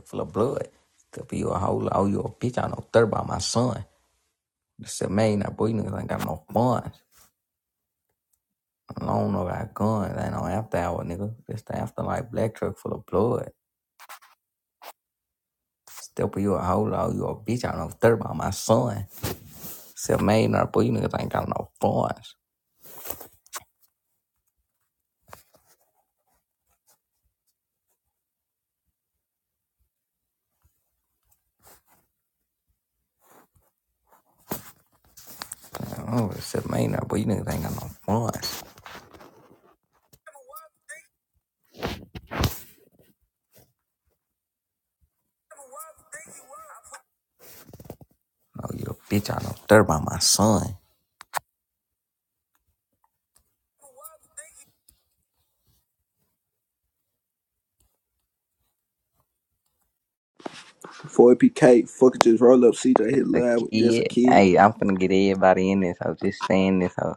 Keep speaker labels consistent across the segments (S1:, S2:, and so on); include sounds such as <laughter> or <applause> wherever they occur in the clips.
S1: full of blood. Could be you a whole, oh, you a bitch. I know third by my son. I said, man, that boy niggas ain't got no funds. I don't know about guns. Ain't no after hour, nigga. This the afterlife black truck full of blood. Step you a whole, oh, you a bitch. I know third by my son. Said, man, that boy you niggas ain't got no funds. Oh, said, man, that boy you niggas ain't got no funds. Oh, you a bitch. I know third by my son.
S2: Before it became fucking just roll up CJ
S1: Just
S2: hit
S1: a
S2: live with just a
S1: kid.
S2: kid.
S1: Hey, I'm finna get everybody in this. So just stay in this. So,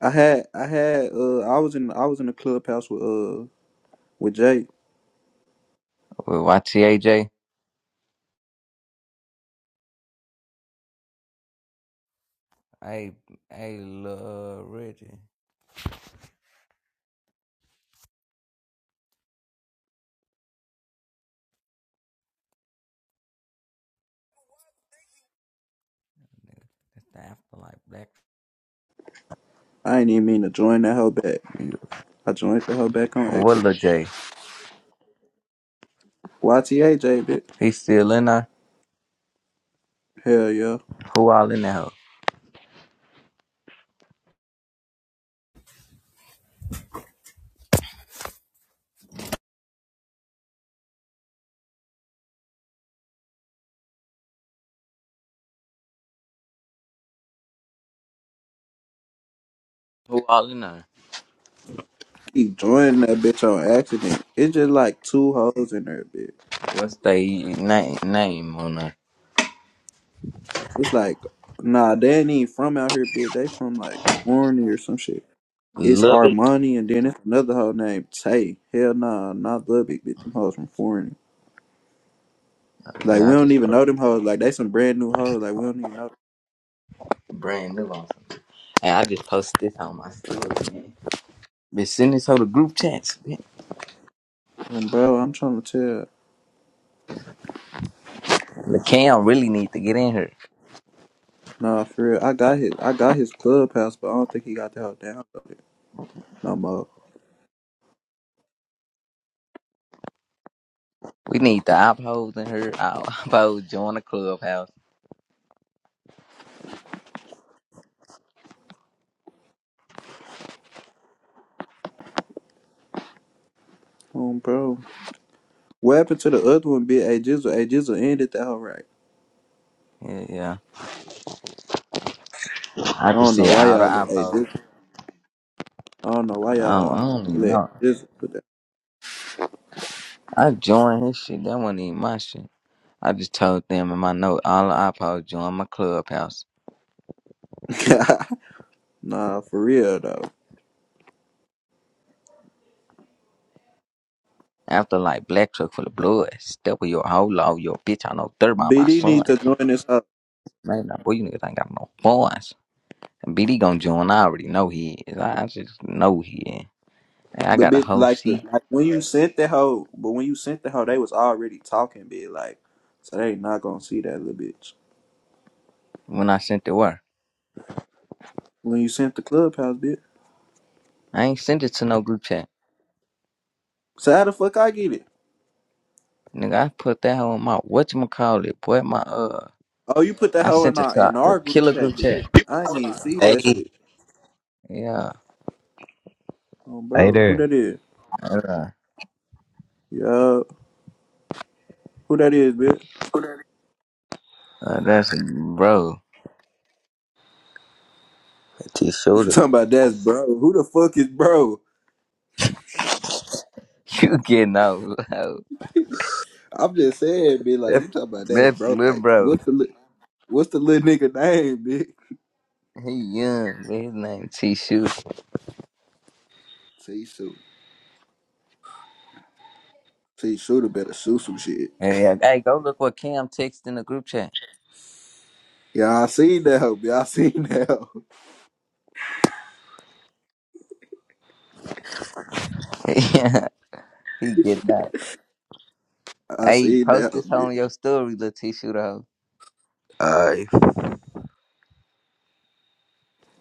S2: I had I had uh I was in I was in the clubhouse with uh with Jay.
S1: watch CAJ. Hey, hey, little Reggie. That's the afterlife black.
S2: I ain't even mean to join that hoe back. I joined the hoe back on
S1: What
S2: accident.
S1: Lil J?
S2: YTA Jay bitch.
S1: He still in there?
S2: Hell yeah.
S1: Who all in there? hoe? Who all in there?
S2: Keep joining that bitch on accident. It's just like two hoes in there, bitch.
S1: What's they name name on there?
S2: It's like nah, they ain't even from out here, bitch. They from like Florida or some shit. It's
S1: Love it.
S2: Armani and then it's another hoe named Tay. Hell nah, not Lubbock, bitch. Them hoes from Florida. Like
S1: Yeah,
S2: we
S1: I
S2: don't
S1: just
S2: even
S1: posted
S2: know them hoes. Like they some brand new hoes. Like we don't even know.
S1: brand new on some. Hey, I just posted this on my story, man. Been sending this to the group chats. man.
S2: Them. And bro, I'm trying to tell.
S1: The cam really need to get in here.
S2: Nah, for real. I got his. I got his clubhouse, but I don't think he got the hoe down no more.
S1: We need the opos in here. All opos <laughs> join the clubhouse.
S2: Um, bro. What happened to the other one? bitch? A Jizzle. A Jizzle ended that hoe right.
S1: Yeah, yeah. I
S2: I
S1: just
S2: don't
S1: said
S2: know why
S1: all the
S2: y'all let A
S1: opos.
S2: Jizzle. I don't know why
S1: I don't,
S2: y'all
S1: I don't even
S2: let
S1: know.
S2: Jizzle put
S1: I joined his shit. That wasn't even my shit. I just told them in my note, all the iPods joined my clubhouse.
S2: that. <laughs> nah, for real though.
S1: After like black truck full of blood, step with your whole law, your bitch. I know third about my
S2: BD
S1: son.
S2: need to join this up.
S1: Man, now, boy, you niggas ain't got no voice. And BD gonna join. I already know he is. I, I just know he is. And I
S2: But
S1: got a
S2: bitch
S1: whole
S2: like the
S1: seat
S2: like when you sent the hoe, but when you sent the hoe, they was already talking, bitch. like. So they not gonna see that little bitch.
S1: when I sent it where.
S2: When you sent the clubhouse, bitch.
S1: I ain't sent it to no group chat.
S2: So how the fuck I get it?
S1: Nigga, I put that on my whatchamacallit, boy, my uh
S2: Oh, you put that
S1: I
S2: hoe in
S1: sent it
S2: our
S1: to
S2: in our
S1: the
S2: group
S1: killer group
S2: chat, bitch.
S1: chat.
S2: I ain't even see that
S3: Hey,
S2: shit.
S1: Yeah.
S2: Oh,
S3: Hey
S2: bro, who
S3: there.
S2: that is?
S1: Uh,
S2: Yo, who that is, bitch? <laughs>
S1: uh, that's bro.
S3: T
S2: You
S3: Shooter.
S2: talking about that's bro? Who the fuck is bro?
S1: <laughs> You getting old, low.
S2: I'm just saying, bitch. Like
S1: That,
S2: you talking about that's
S1: That's
S2: bro?
S1: little
S2: Like
S1: bro.
S2: what's the li- what's the little nigga name, <laughs> bitch?
S1: He young, but his name T Shoot.
S2: T shooter, T shooter better shoot some shit.
S1: Hey, hey, go look what Cam texted in the group chat.
S2: Yeah, I seen that hoe, bitch. I seen <laughs> that hoe.
S1: <laughs> yeah, he getting out.
S2: I
S1: Hey,
S2: seen
S1: post
S2: that hoe,
S1: this
S2: bitch.
S1: on your story, little T Shooter.
S3: All right.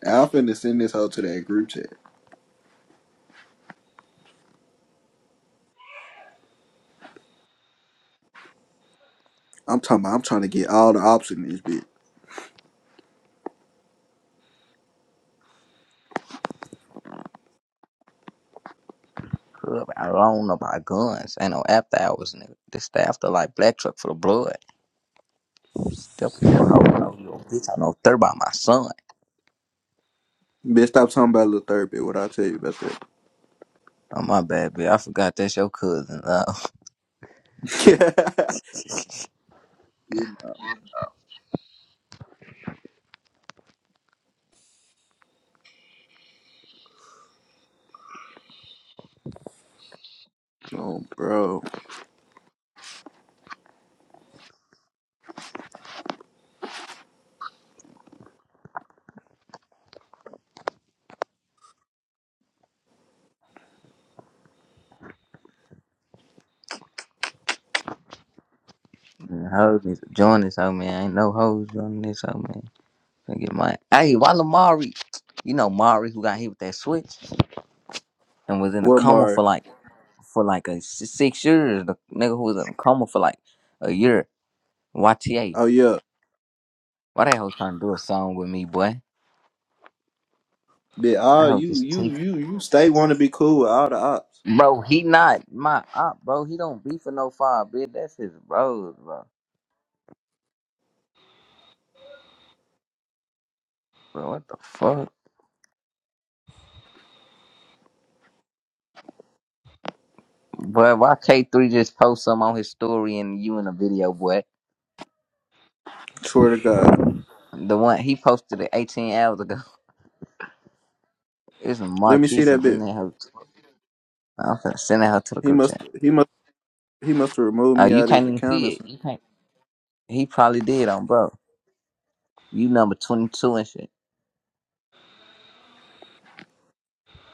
S2: I'm finna send this hoe to that group chat. I'm talking about I'm trying to get all the ops in this bitch.
S1: Club, I don't know about guns. Ain't no after hours, nigga. This the after like black truck for the blood. Step in your hole, out your bitch. I know third by my son.
S2: Bitch, stop talking about little therapy. What I tell you about
S1: Oh my bad, bitch. I forgot that's your cousin. Oh,
S2: that? <laughs> you know. Oh, bro.
S1: <laughs> man, hoes need to join this hoe, man. Ain't no hoes joining this hoe, man. I get my hey, why Lamari? You know Mari who got hit with that switch and was in a
S2: What
S1: coma for
S2: more?
S1: like for like a s- six years. The nigga who was in a coma for like a year. YTA.
S2: Oh yeah.
S1: Why that hoe trying to do a song with me, boy?
S2: Bitch,
S1: That
S2: all
S1: hoe
S2: you
S1: just
S2: you
S1: take
S2: you you stay want to be cool with all the ops.
S1: Bro, he not my op, bro. He don't be for no five bitch. That's his bros, bro. Bro, what the fuck? But why K3 just post some on his story and you in a video, boy?
S2: Swear to God.
S1: The one he posted it 18 hours ago. <laughs> It's
S2: Let me see
S1: Marquise
S2: that
S1: in
S2: bitch.
S1: there. I'm finna send that her to the
S2: He
S1: group
S2: must
S1: chat.
S2: he must he must have removed
S1: Oh,
S2: me
S1: you
S2: out of
S1: can't
S2: his
S1: even
S2: account or
S1: see it.
S2: something.
S1: You can't. He probably did on bro. You number twenty two and shit.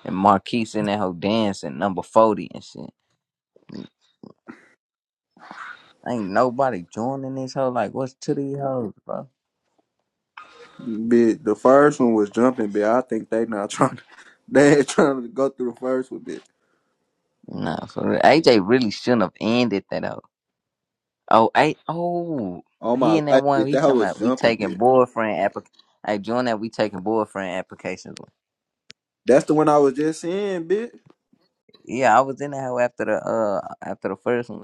S1: And Marquise in that whole dancing number forty and shit. Ain't nobody joining this hoe. Like, what's to these hoes, bro?
S2: Bitch, the first one was jumping. Bitch, I think they not trying. To, <laughs> they ain't trying to go through the first one, bitch.
S1: Nah, for real. AJ really shouldn't have ended that hoe. Oh, I, oh,
S2: All
S1: he
S2: my
S1: in that
S2: life,
S1: one.
S2: bitch,
S1: He
S2: that hoe
S1: talking
S2: was
S1: about we
S2: jumping,
S1: taking
S2: bitch.
S1: boyfriend application. Hey, join that we taking boyfriend applications.
S2: That's the one I was just seeing, bitch.
S1: Yeah, I was in that hoe after the uh after the first one.